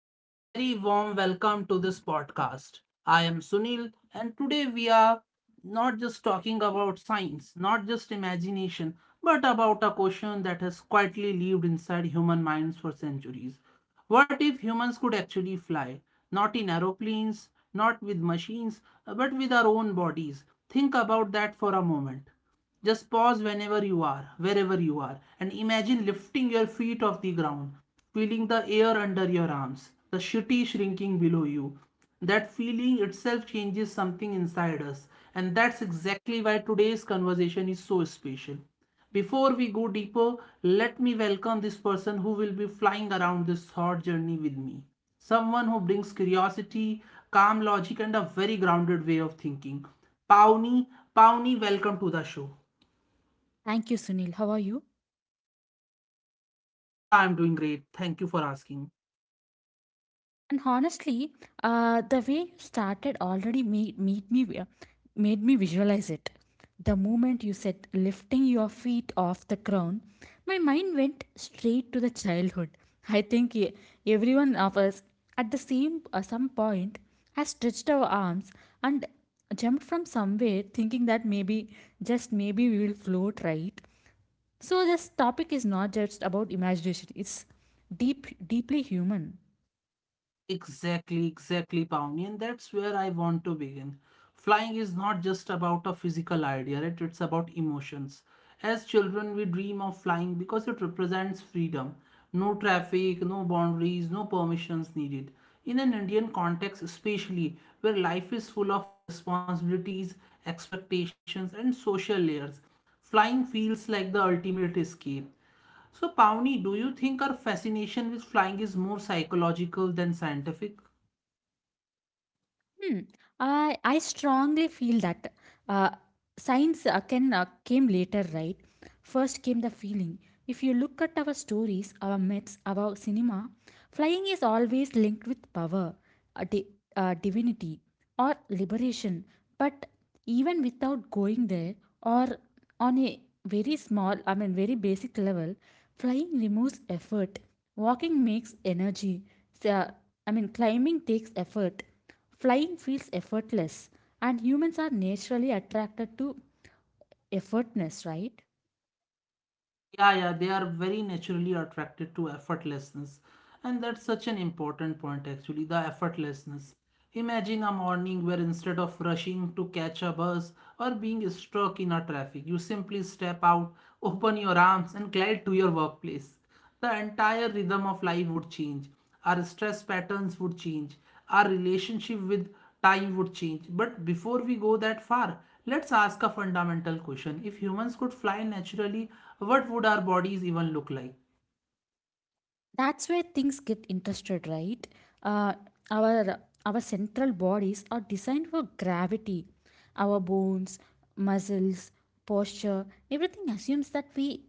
and a very warm welcome to this podcast. I am Sunil, and today we are not just talking about science, not just imagination, but about a question that has quietly lived inside human minds for centuries. What if humans could actually fly? Not in aeroplanes, not with machines, but with our own bodies. Think about that for a moment. Just pause whenever you are, wherever you are, and imagine lifting your feet off the ground, feeling the air under your arms, the shitty shrinking below you. That feeling itself changes something inside us, and that's exactly why today's conversation is so special. Before we go deeper, let me welcome this person who will be flying around this thought journey with me. Someone who brings curiosity, calm logic, and a very grounded way of thinking. Pawnee, Pawnee, welcome to the show. Thank you, Sunil. How are you? Yeah, I'm doing great. Thank you for asking. And honestly, the way you started already made me made me visualize it. The moment you said lifting your feet off the ground, my mind went straight to the childhood. I think everyone of us at the same some point has stretched our arms and jumped from somewhere, thinking that maybe just maybe we will float, right. So this topic is not just about imagination, it's deeply human. Exactly, exactly, Pawnee, and that's where I want to begin. Flying is not just about a physical idea, right? It's about emotions. As children, we dream of flying because it represents freedom. No traffic, no boundaries, no permissions needed. In an Indian context, especially, where life is full of responsibilities, expectations, and social layers, flying feels like the ultimate escape. So, Pawnee, do you think our fascination with flying is more psychological than scientific? Hmm. I strongly feel that uh, science can came later, right? First came the feeling. If you look at our stories, our myths, our cinema, flying is always linked with power, uh, di- divinity, or liberation. But even without going there, or on a very small, I mean, very basic level, flying removes effort. Walking makes energy. So, I mean, climbing takes effort. Flying feels effortless, and humans are naturally attracted to effortness, right? Yeah, yeah, they are very naturally attracted to effortlessness. And that's such an important point, actually the effortlessness. Imagine a morning where instead of rushing to catch a bus or being stuck in a traffic, you simply step out, open your arms, and glide to your workplace. The entire rhythm of life would change, our stress patterns would change, our relationship with time would change. But before we go that far, let's ask a fundamental question: if humans could fly naturally, what would our bodies even look like? That's where things get interested, right? Uh, our our central bodies are designed for gravity. Our bones, muscles, posture, everything assumes that we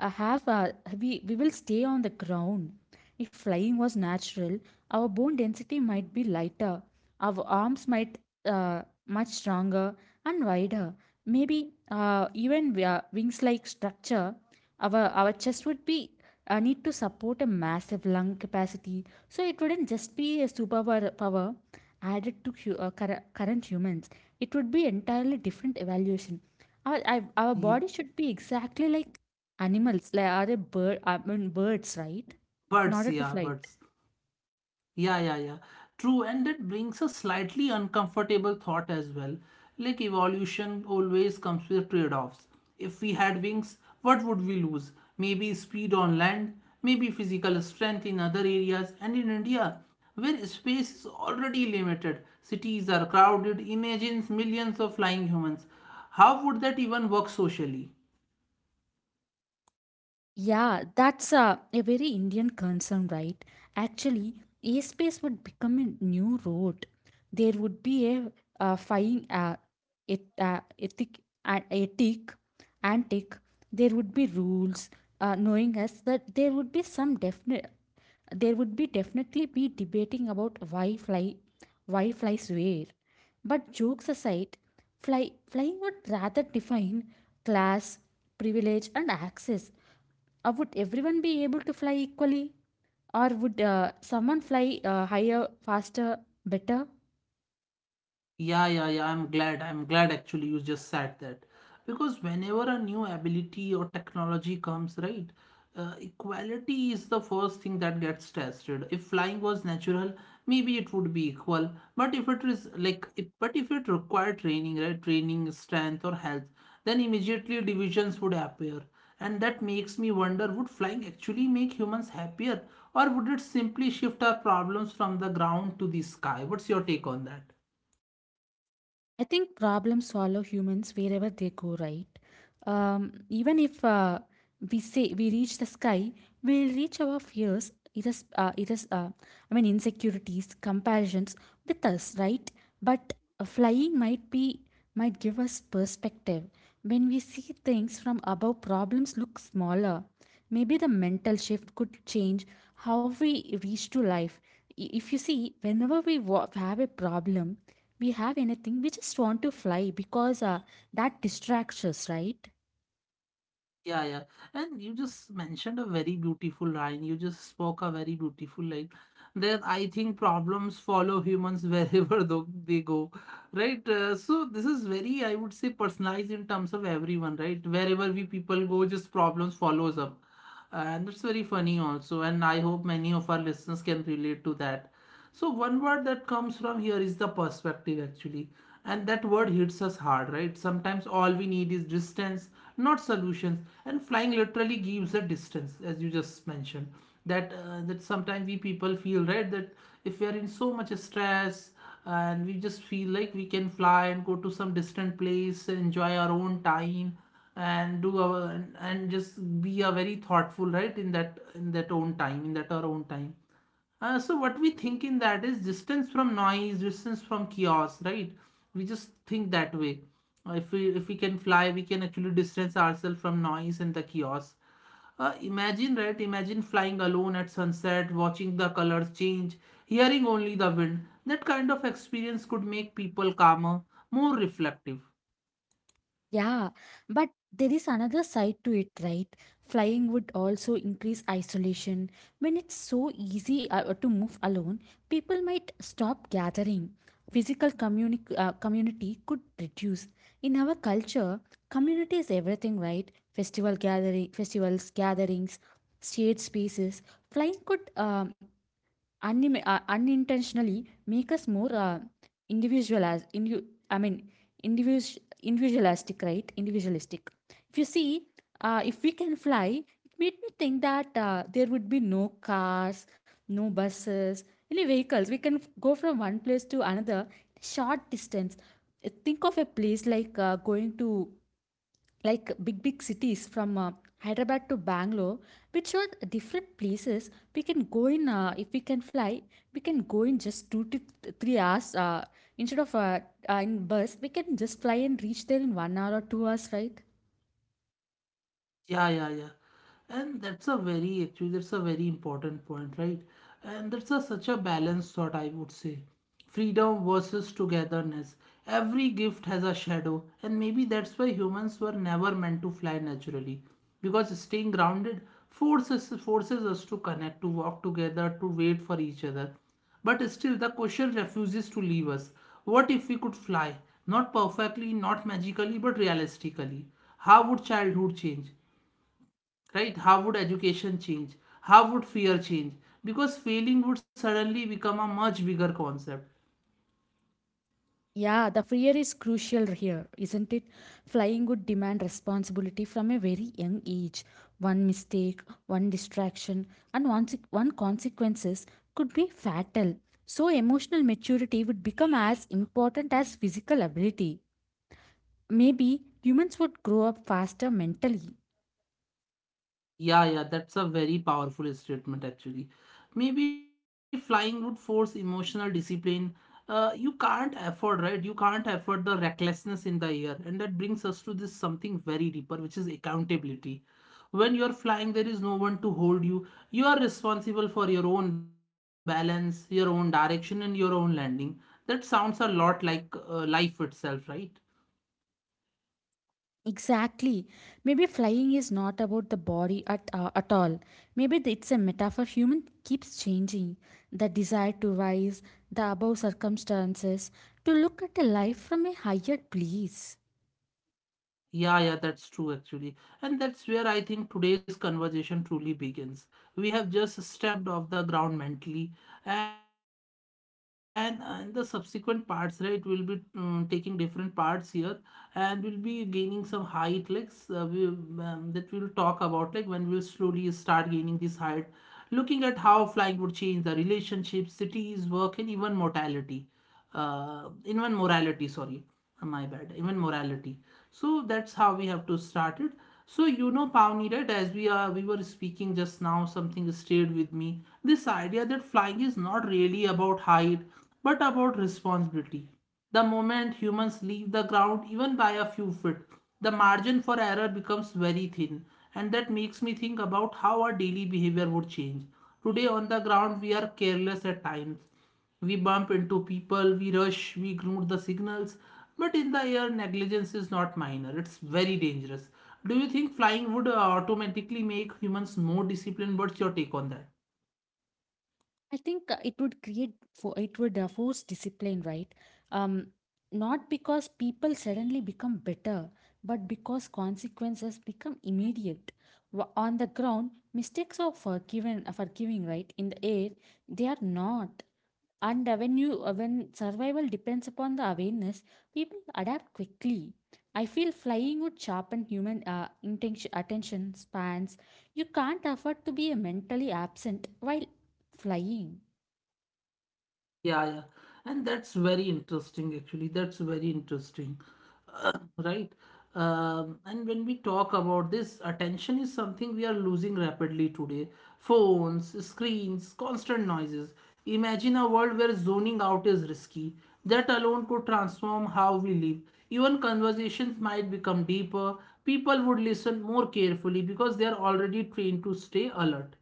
have we will stay on the ground. If flying was natural, our bone density might be lighter, our arms might much stronger and wider. Maybe even wings-like structure, our chest would be need to support a massive lung capacity, so it wouldn't just be a superpower power added to current humans. It would be entirely different evaluation. Our body Ye- should be exactly like animals, like are a bird, I mean birds, right? In Birds, order to yeah, fly it. birds. Yeah, yeah, yeah. True, and that brings a slightly uncomfortable thought as well. Like evolution always comes with trade-offs. If we had wings, what would we lose? Maybe speed on land, maybe physical strength in other areas, and in India, where space is already limited, cities are crowded, imagine millions of flying humans. How would that even work socially? Yeah, that's a very Indian concern, right? Actually, airspace would become a new road. There would be a, flying et, ethic, ethic, antic. There would be rules, knowing us that there would be some definite. There would be definitely be debating about why fly, why flies where. But jokes aside, flying would rather define class, privilege, and access. Would everyone be able to fly equally? Or would someone fly higher, faster, better? Yeah, yeah, yeah. I'm glad. I'm glad actually you just said that. Because whenever a new ability or technology comes, right, equality is the first thing that gets tested. If flying was natural, maybe it would be equal. But if it is like, if, but if it required training, right, training, strength, or health, then immediately divisions would appear. And that makes me wonder, would flying actually make humans happier, or would it simply shift our problems from the ground to the sky? What's your take on that? I think problems follow humans wherever they go, right? Even if we say we reach the sky, we'll reach our fears, it is, I mean, insecurities, comparisons with us, right? But flying might be might give us perspective. When we see things from above, problems look smaller. Maybe the mental shift could change how we reach to life. If you see, whenever have a problem, we have anything, we just want to fly because that distracts us, right? Yeah, yeah. And you just mentioned a very beautiful line. You just spoke a very beautiful line. That I think problems follow humans wherever though they go. Right. So this is very, I would say, personalized in terms of everyone, right? Wherever we people go, just problems follows up. And that's very funny also. And I hope many of our listeners can relate to that. So one word that comes from here is the perspective actually. And that word hits us hard, right? Sometimes all we need is distance, not solutions. And flying literally gives a distance, as you just mentioned. That sometimes we people feel, right? That if we are in so much stress and we just feel like we can fly and go to some distant place, enjoy our own time, and do our and just be a very thoughtful, right, in that own time, in that our own time. So what we think in that is distance from noise, distance from chaos, right? We just think that way. If we can fly, we can actually distance ourselves from noise and the chaos. Imagine, right? Imagine flying alone at sunset, watching the colors change, hearing only the wind. That kind of experience could make people calmer, more reflective. Yeah, but there is another side to it, right? Flying would also increase isolation. When it's so easy to move alone, people might stop gathering. Physical community could reduce. In our culture, community is everything, right? Festivals, gatherings, shared spaces. Flying could Unim unintentionally make us more individual as in you I mean individual individualistic, right, individualistic. If you see, if we can fly, it made me think that there would be no cars, no buses, any vehicles. We can go from one place to another in a short distance. Think of a place like going to like big cities from hyderabad to bangalore, which are different places. We can go in, if we can fly we can go in just 2 to 3 hours, instead of in bus we can just fly and reach there in 1 hour or 2 hours, right. Yeah, yeah, yeah. And that's a very, actually, that's a very important point, right? And that's a, such a balanced thought, I would say. Freedom versus togetherness. Every gift has a shadow, and maybe that's why humans were never meant to fly naturally. Because staying grounded forces us to connect, to walk together, to wait for each other. But still, the question refuses to leave us. What if we could fly? Not perfectly, not magically, but realistically. How would childhood change? Right, how would education change? How would fear change? Because failing would suddenly become a much bigger concept. Yeah, the fear is crucial here, isn't it? Flying would demand responsibility from a very young age. One mistake, one distraction, and one consequences could be fatal. So, emotional maturity would become as important as physical ability. Maybe humans would grow up faster mentally. Yeah, yeah, that's a very powerful statement actually. Maybe flying would force emotional discipline. You can't afford, right? You can't afford the recklessness in the air. And that brings us to this something very deeper, which is accountability. When you are flying, there is no one to hold you. You are responsible for your own balance, your own direction, and your own landing. That sounds a lot like life itself, right? Exactly. Maybe flying is not about the body at all. Maybe it's a metaphor human keeps changing. The desire to rise, the above circumstances, to look at a life from a higher place. Yeah, yeah, that's true actually. And that's where I think today's conversation truly begins. We have just stepped off the ground mentally, and the subsequent parts, right? We'll be taking different parts here and we'll be gaining some height, that we'll talk about, like when we'll slowly start gaining this height, looking at how flying would change the relationship, cities, work, and even mortality, even morality, sorry. My bad, even morality. So that's how we have to start it. So you know, Pavni, right, as we were speaking just now, something stayed with me. This idea that flying is not really about height but about responsibility. The moment humans leave the ground, even by a few feet, the margin for error becomes very thin. And that makes me think about how our daily behavior would change. Today on the ground we are careless at times. We bump into people, we rush, we ignore the signals. But in the air, negligence is not minor, it's very dangerous. Do you think flying would automatically make humans more disciplined? What's your take on that? I think it would force discipline, right? Um, not because people suddenly become better, but because consequences become immediate. On the ground, mistakes are forgiven, forgiving, right? In the air, they are not. And when survival depends upon the awareness, people adapt quickly. I feel flying would sharpen human attention spans. You can't afford to be mentally absent while flying. Yeah, yeah. And that's very interesting, actually. That's very interesting, right? And when we talk about this, attention is something we are losing rapidly today. Phones, screens, constant noises. Imagine a world where zoning out is risky. That alone could transform how we live. Even conversations might become deeper. People would listen more carefully because they are already trained to stay alert.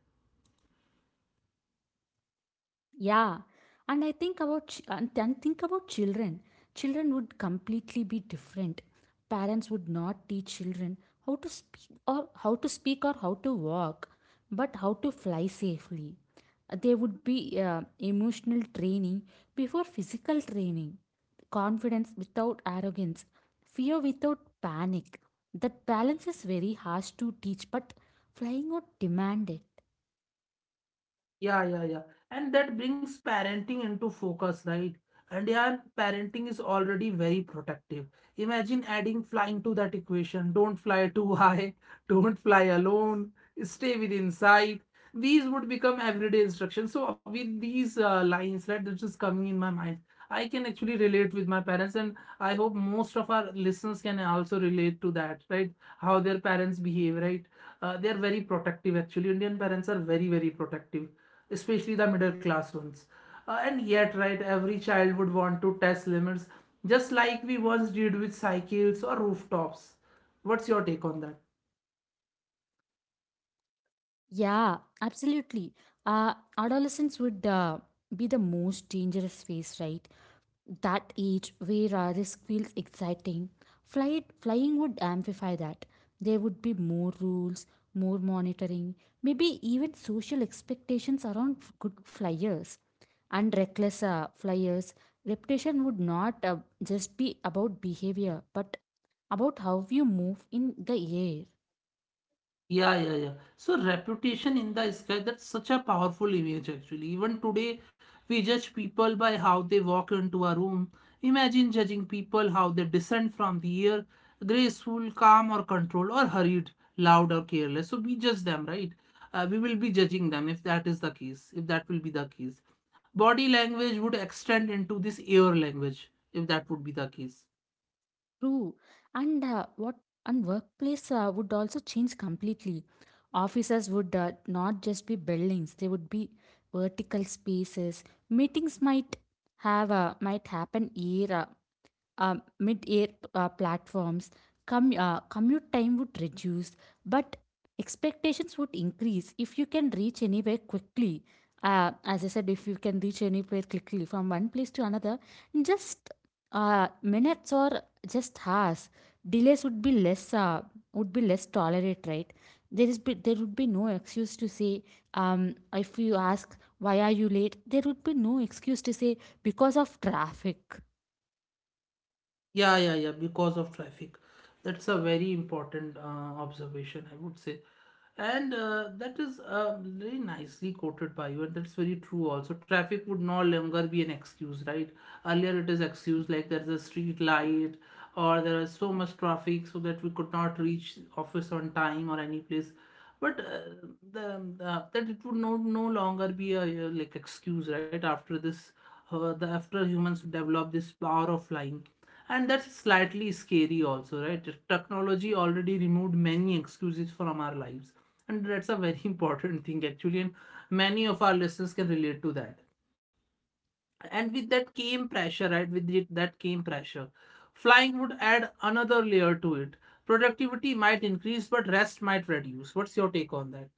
Yeah, and I think about children. Children would completely be different. Parents would not teach children how to speak or how to walk, but how to fly safely. There would be emotional training before physical training, confidence without arrogance, fear without panic. That balance is very harsh to teach, but flying would demand it. Yeah, yeah, yeah. And that brings parenting into focus, right? And yeah, parenting is already very protective. Imagine adding flying to that equation. Don't fly too high, don't fly alone, stay within sight. These would become everyday instructions. So with these lines, right, that just coming in my mind, I can actually relate with my parents, and I hope most of our listeners can also relate to that, right? How their parents behave, right? They are very protective, actually. Indian parents are very, very protective, especially the middle class ones. And yet, right, every child would want to test limits, just like we once did with cycles or rooftops. What's your take on that? Yeah, absolutely. Adolescence would be the most dangerous phase, right? That age where risk feels exciting. Flying would amplify that. There would be more rules, more monitoring, maybe even social expectations around good flyers. And reckless flyers, reputation would not just be about behavior, but about how you move in the air. Yeah, yeah, yeah. So reputation in the sky, that's such a powerful image actually. Even today, we judge people by how they walk into a room. Imagine judging people how they descend from the air, graceful, calm or controlled, or hurried, loud or careless. So we judge them, right? We will be judging them if that is the case, if that will be the case. Body language would extend into this air language, if that would be the case. True. And uh, what and workplace would also change completely. Offices would not just be buildings; they would be vertical spaces. Meetings might have might happen here, mid-air platforms, commute time would reduce, but expectations would increase if you can reach anywhere quickly. As I said, if you can reach anywhere quickly from one place to another in just minutes or just hours, delays would be less tolerate, right? There would be no excuse to say, if you ask why are you late, there would be no excuse to say because of traffic. Yeah, yeah, yeah, because of traffic. That's a very important observation, I would say. And that is very nicely quoted by you, and that's very true also. Traffic would no longer be an excuse, right? Earlier it is excuse like there's a street light or there is so much traffic so that we could not reach office on time or any place. But the that it would no longer be a like excuse, right? After this, the after humans develop this power of flying, and that's slightly scary also, right? Technology already removed many excuses from our lives, and that's a very important thing actually, and many of our listeners can relate to that. And with that came pressure, right? With it, that came pressure. Flying would add another layer to it. Productivity might increase, but rest might reduce. What's your take on that?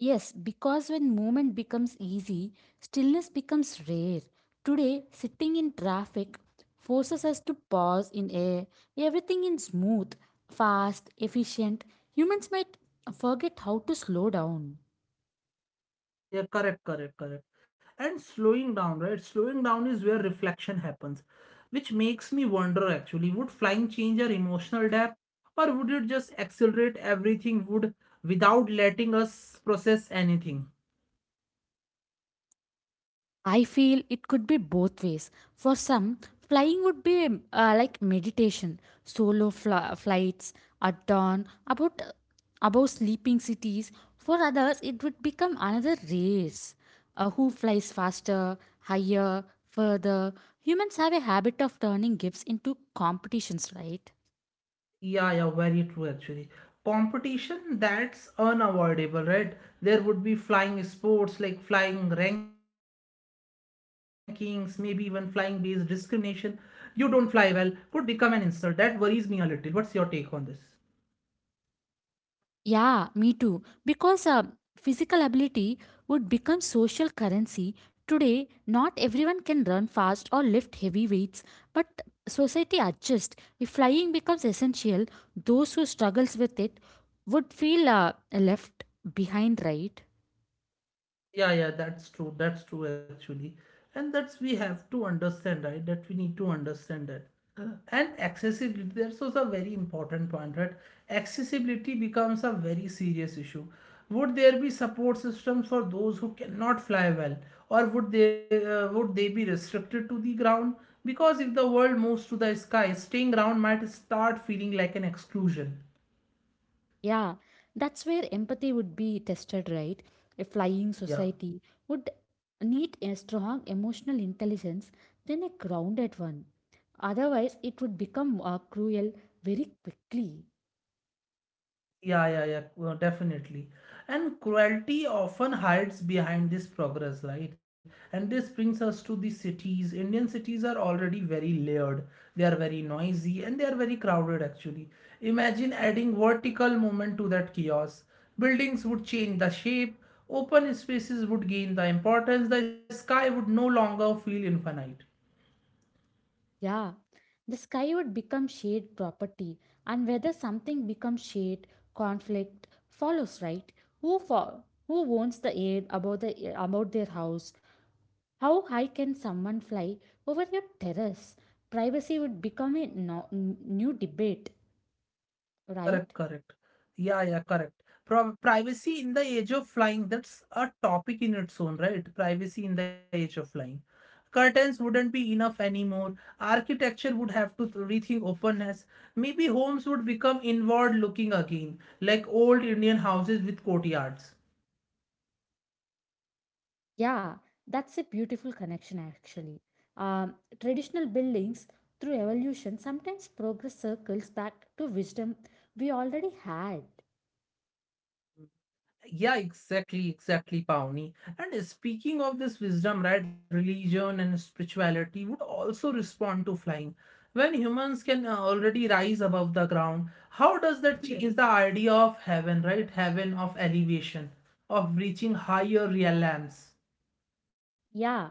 Yes, because when movement becomes easy, stillness becomes rare. Today, sitting in traffic forces us to pause in air. Everything is smooth, fast, efficient. Humans might forget how to slow down. Yeah, correct, correct, correct. And slowing down, right? Slowing down is where reflection happens, which makes me wonder actually, would flying change our emotional depth or would it just accelerate everything would without letting us process anything? I feel it could be both ways. For some, flying would be like meditation, solo flights at dawn, about above sleeping cities. For others, it would become another race. Who flies faster, higher, further? Humans have a habit of turning gifts into competitions, right? Yeah, yeah, very true actually. Competition, that's unavoidable, right? There would be flying sports like flying rankings, maybe even flying based discrimination. You don't fly well could become an insult. That worries me a little. What's your take on this? Yeah, me too. Because physical ability would become social currency. Today, not everyone can run fast or lift heavy weights, but society adjusts. If flying becomes essential, those who struggles with it would feel left behind, right? Yeah, yeah, that's true. That's true, actually. And that's we have to understand, right? That we need to understand that. And accessibility, that's also a very important point, right? Accessibility becomes a very serious issue. Would there be support systems for those who cannot fly well, or would they be restricted to the ground? Because if the world moves to the sky, staying ground might start feeling like an exclusion. Yeah, that's where empathy would be tested, right? A flying Yeah. society would need a strong emotional intelligence than a grounded one. Otherwise, it would become cruel very quickly. Yeah, yeah, yeah, well, definitely. And cruelty often hides behind this progress, right? And this brings us to the cities. Indian cities are already very layered. They are very noisy and they are very crowded, actually. Imagine adding vertical movement to that chaos. Buildings would change the shape, open spaces would gain the importance, the sky would no longer feel infinite. Yeah, the sky would become shared property, and whether something becomes shade, conflict follows, right? Who owns the air about the about their house? How high can someone fly over your terrace? Privacy would become a new debate, Correct, right? correct. Yeah, yeah, correct. Pro privacy in the age of flying, that's a topic in its own, right? Privacy in the age of flying. Curtains wouldn't be enough anymore. Architecture would have to rethink openness. Maybe homes would become inward looking again, like old Indian houses with courtyards. Yeah, that's a beautiful connection actually. Um, traditional buildings, through evolution, sometimes progress circles back to wisdom we already had. Yeah, exactly, exactly, Pawnee. And speaking of this wisdom, right, religion and spirituality would also respond to flying. When humans can already rise above the ground, how does that change the idea of heaven, right? Heaven of elevation, of reaching higher realms. Yeah,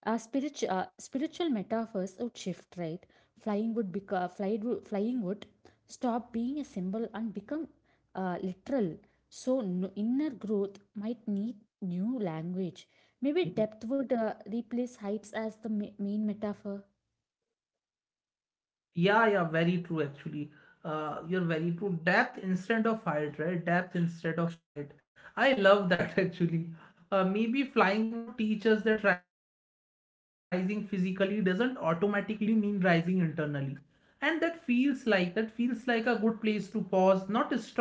spiritual metaphors would shift, right? Flying would become flying would stop being a symbol and become literal. So no, inner growth might need new language. Maybe depth would replace heights as the main metaphor. Yeah, yeah, very true actually. You're very true. Depth instead of height, right? Depth instead of height. I love that actually. Maybe flying would teach us that rising physically doesn't automatically mean rising internally. And that feels like a good place to pause, not stop, but hover.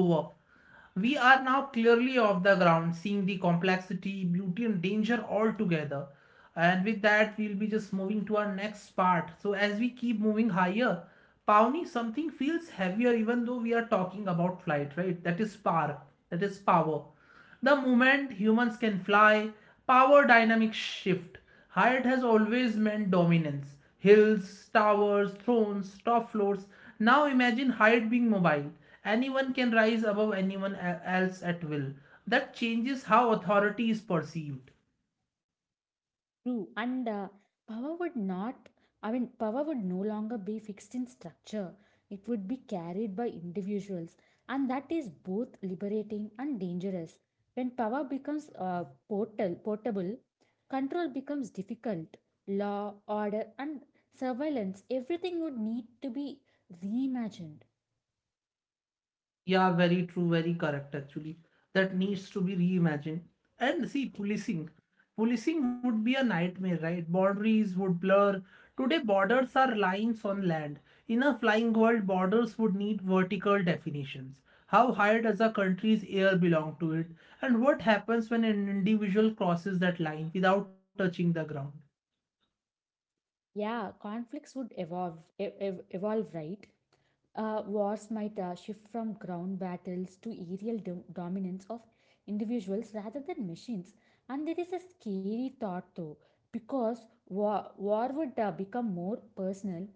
We are now clearly off the ground, seeing the complexity, beauty, and danger all together. And with that, we'll be just moving to our next part. So, as we keep moving higher, Pawnee, something feels heavier even though we are talking about flight, right? That is spark, that is power. The moment humans can fly, power dynamics shift. Height has always meant dominance. Hills, towers, thrones, top floors. Now imagine height being mobile. Anyone can rise above anyone else at will. That changes how authority is perceived. True. And power would not, I mean, power would no longer be fixed in structure. It would be carried by individuals. And that is both liberating and dangerous. When power becomes portable, control becomes difficult. Law, order, and surveillance, everything would need to be reimagined. Yeah, very true, very correct actually. That needs to be reimagined. And see, policing. Policing would be a nightmare, right? Boundaries would blur. Today, borders are lines on land. In a flying world, borders would need vertical definitions. How high does a country's air belong to it? And what happens when an individual crosses that line without touching the ground? Yeah, conflicts would evolve, evolve, right? Uh, wars might shift from ground battles to aerial dominance of individuals rather than machines. And there is a scary thought though, because war would become more personal.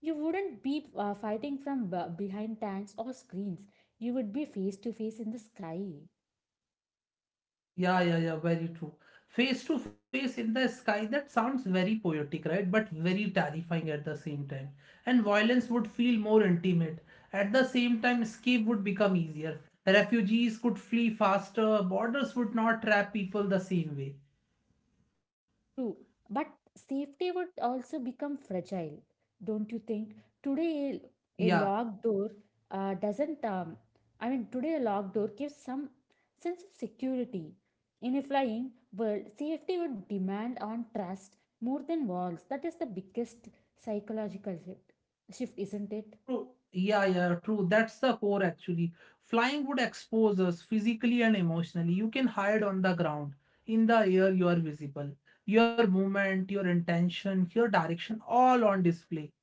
You wouldn't be fighting from behind tanks or screens, you would be face to face in the sky. Yeah, yeah, yeah, very true. Face to face in the sky, that sounds very poetic, right? But very terrifying at the same time. And violence would feel more intimate. At the same time, escape would become easier. Refugees could flee faster, borders would not trap people the same way. True, but safety would also become fragile, don't you think? Today, Yeah. locked door doesn't, I mean, today a locked door gives some sense of security. In a flying world, safety would demand on trust more than walls. That is the biggest psychological shift, isn't it? True. Yeah, yeah, true. That's the core actually. Flying would expose us physically and emotionally. You can hide on the ground. In the air, you are visible. Your movement, your intention, your direction, all on display.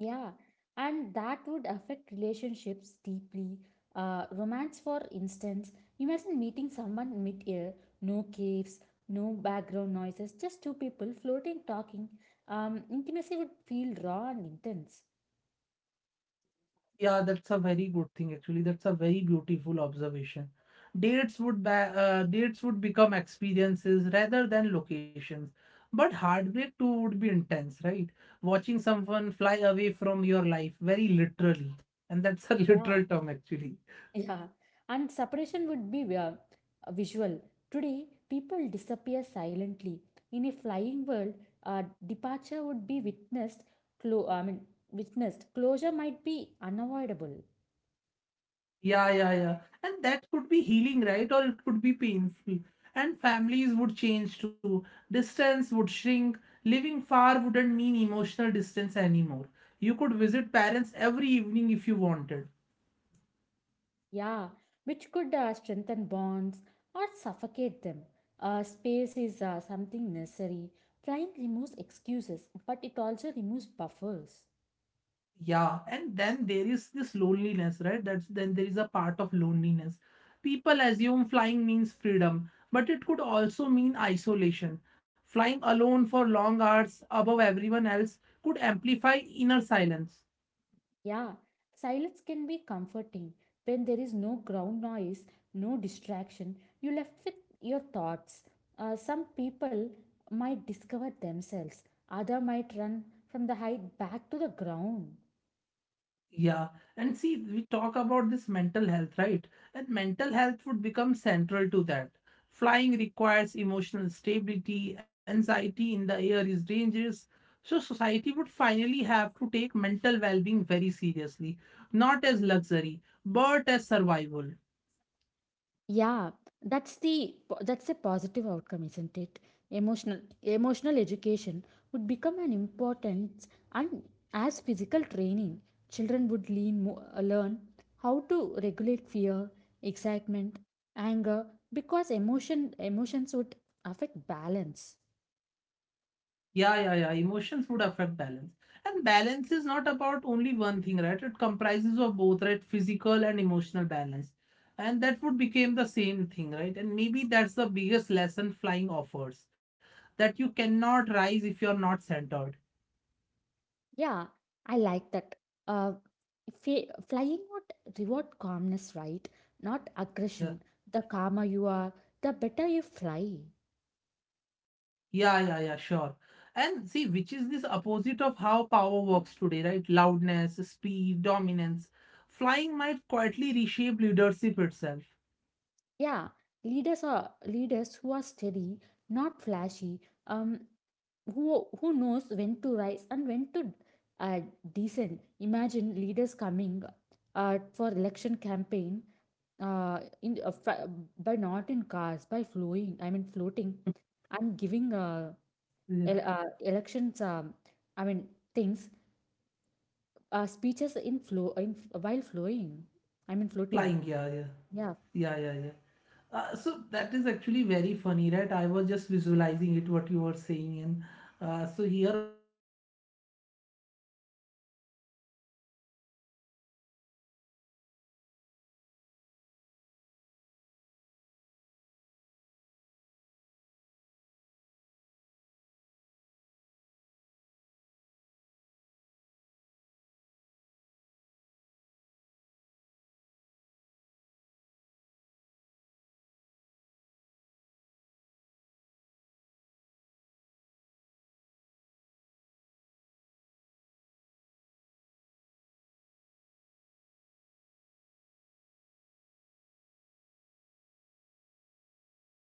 Yeah, and that would affect relationships deeply. Romance, for instance, imagine meeting someone mid-air, no caves, no background noises, just two people floating, talking. Intimacy would feel raw and intense. Yeah, that's a very good thing actually. That's a very beautiful observation. Dates would dates would become experiences rather than locations. But heartbreak too would be intense, right? Watching someone fly away from your life very literally. And that's a Yeah, literal term actually. yeah, and separation would be visual. Today, people disappear silently. In a flying world, departure would be witnessed. Clo- I mean, witnessed. Closure might be unavoidable. Yeah, yeah, yeah. And that could be healing, right? Or it could be painful. And families would change too. Distance would shrink. Living far wouldn't mean emotional distance anymore. You could visit parents every evening if you wanted. Yeah, which could strengthen bonds or suffocate them. Space is something necessary. Flying removes excuses, but it also removes buffers. Yeah, and then there is this loneliness, right? That's then there is a part of loneliness. People assume flying means freedom, but it could also mean isolation. Flying alone for long hours above everyone else could amplify inner silence. Yeah, silence can be comforting. When there is no ground noise, no distraction, you left with your thoughts. Some people might discover themselves, other might run from the height back to the ground. Yeah, and see, we talk about this mental health, right? And mental health would become central to that. Flying requires emotional stability, anxiety in the air is dangerous. So, society would finally have to take mental well being very seriously, not as luxury, but as survival. Yeah, that's the that's a positive outcome, isn't it? Emotional education would become an important and as physical training, children would learn how to regulate fear, excitement, anger because emotions would affect balance. Yeah, yeah, yeah. Emotions would affect balance. And balance is not about only one thing, right? It comprises of both, right? Physical and emotional balance. And that would become the same thing, right? And maybe that's the biggest lesson flying offers, that you cannot rise if you're not centered. Yeah, I like that. Uh, flying would reward calmness, right? Not aggression. Yeah. The calmer you are, the better you fly. Yeah, yeah, yeah, sure. And see, which is this opposite of how power works today, right? Loudness, speed, dominance. Flying might quietly reshape leadership itself. Yeah, leaders who are steady, not flashy. Um, who knows when to rise and when to uh, descend. Imagine leaders coming for election campaign uh, in uh, fr- by not in cars by flowing. I mean floating and giving Yeah. Elections. I mean things speeches in flow in while flowing. I mean floating. Flying, yeah, yeah. Yeah, Yeah, yeah, yeah. So that is actually very funny, right? I was just visualizing it, what you were saying. And so here also these politicians come, right, for giving speeches. So once you are saying something, I hope many of our listeners are also visualizing what you are saying. So I was actually visualizing that how it should look, right? So I was like, it was very funny, right? I was just laughing in my, in, with my inside, right? And see, as we just proceed ahead in our conversation and as we think about this descent, right? This descent is very important part. So I feel like we are approaching, right? We are approaching the most important question. After all this change, all this evolution, would humans still feel grounded, right? That's a very important point. Or would we lose that touch with the earth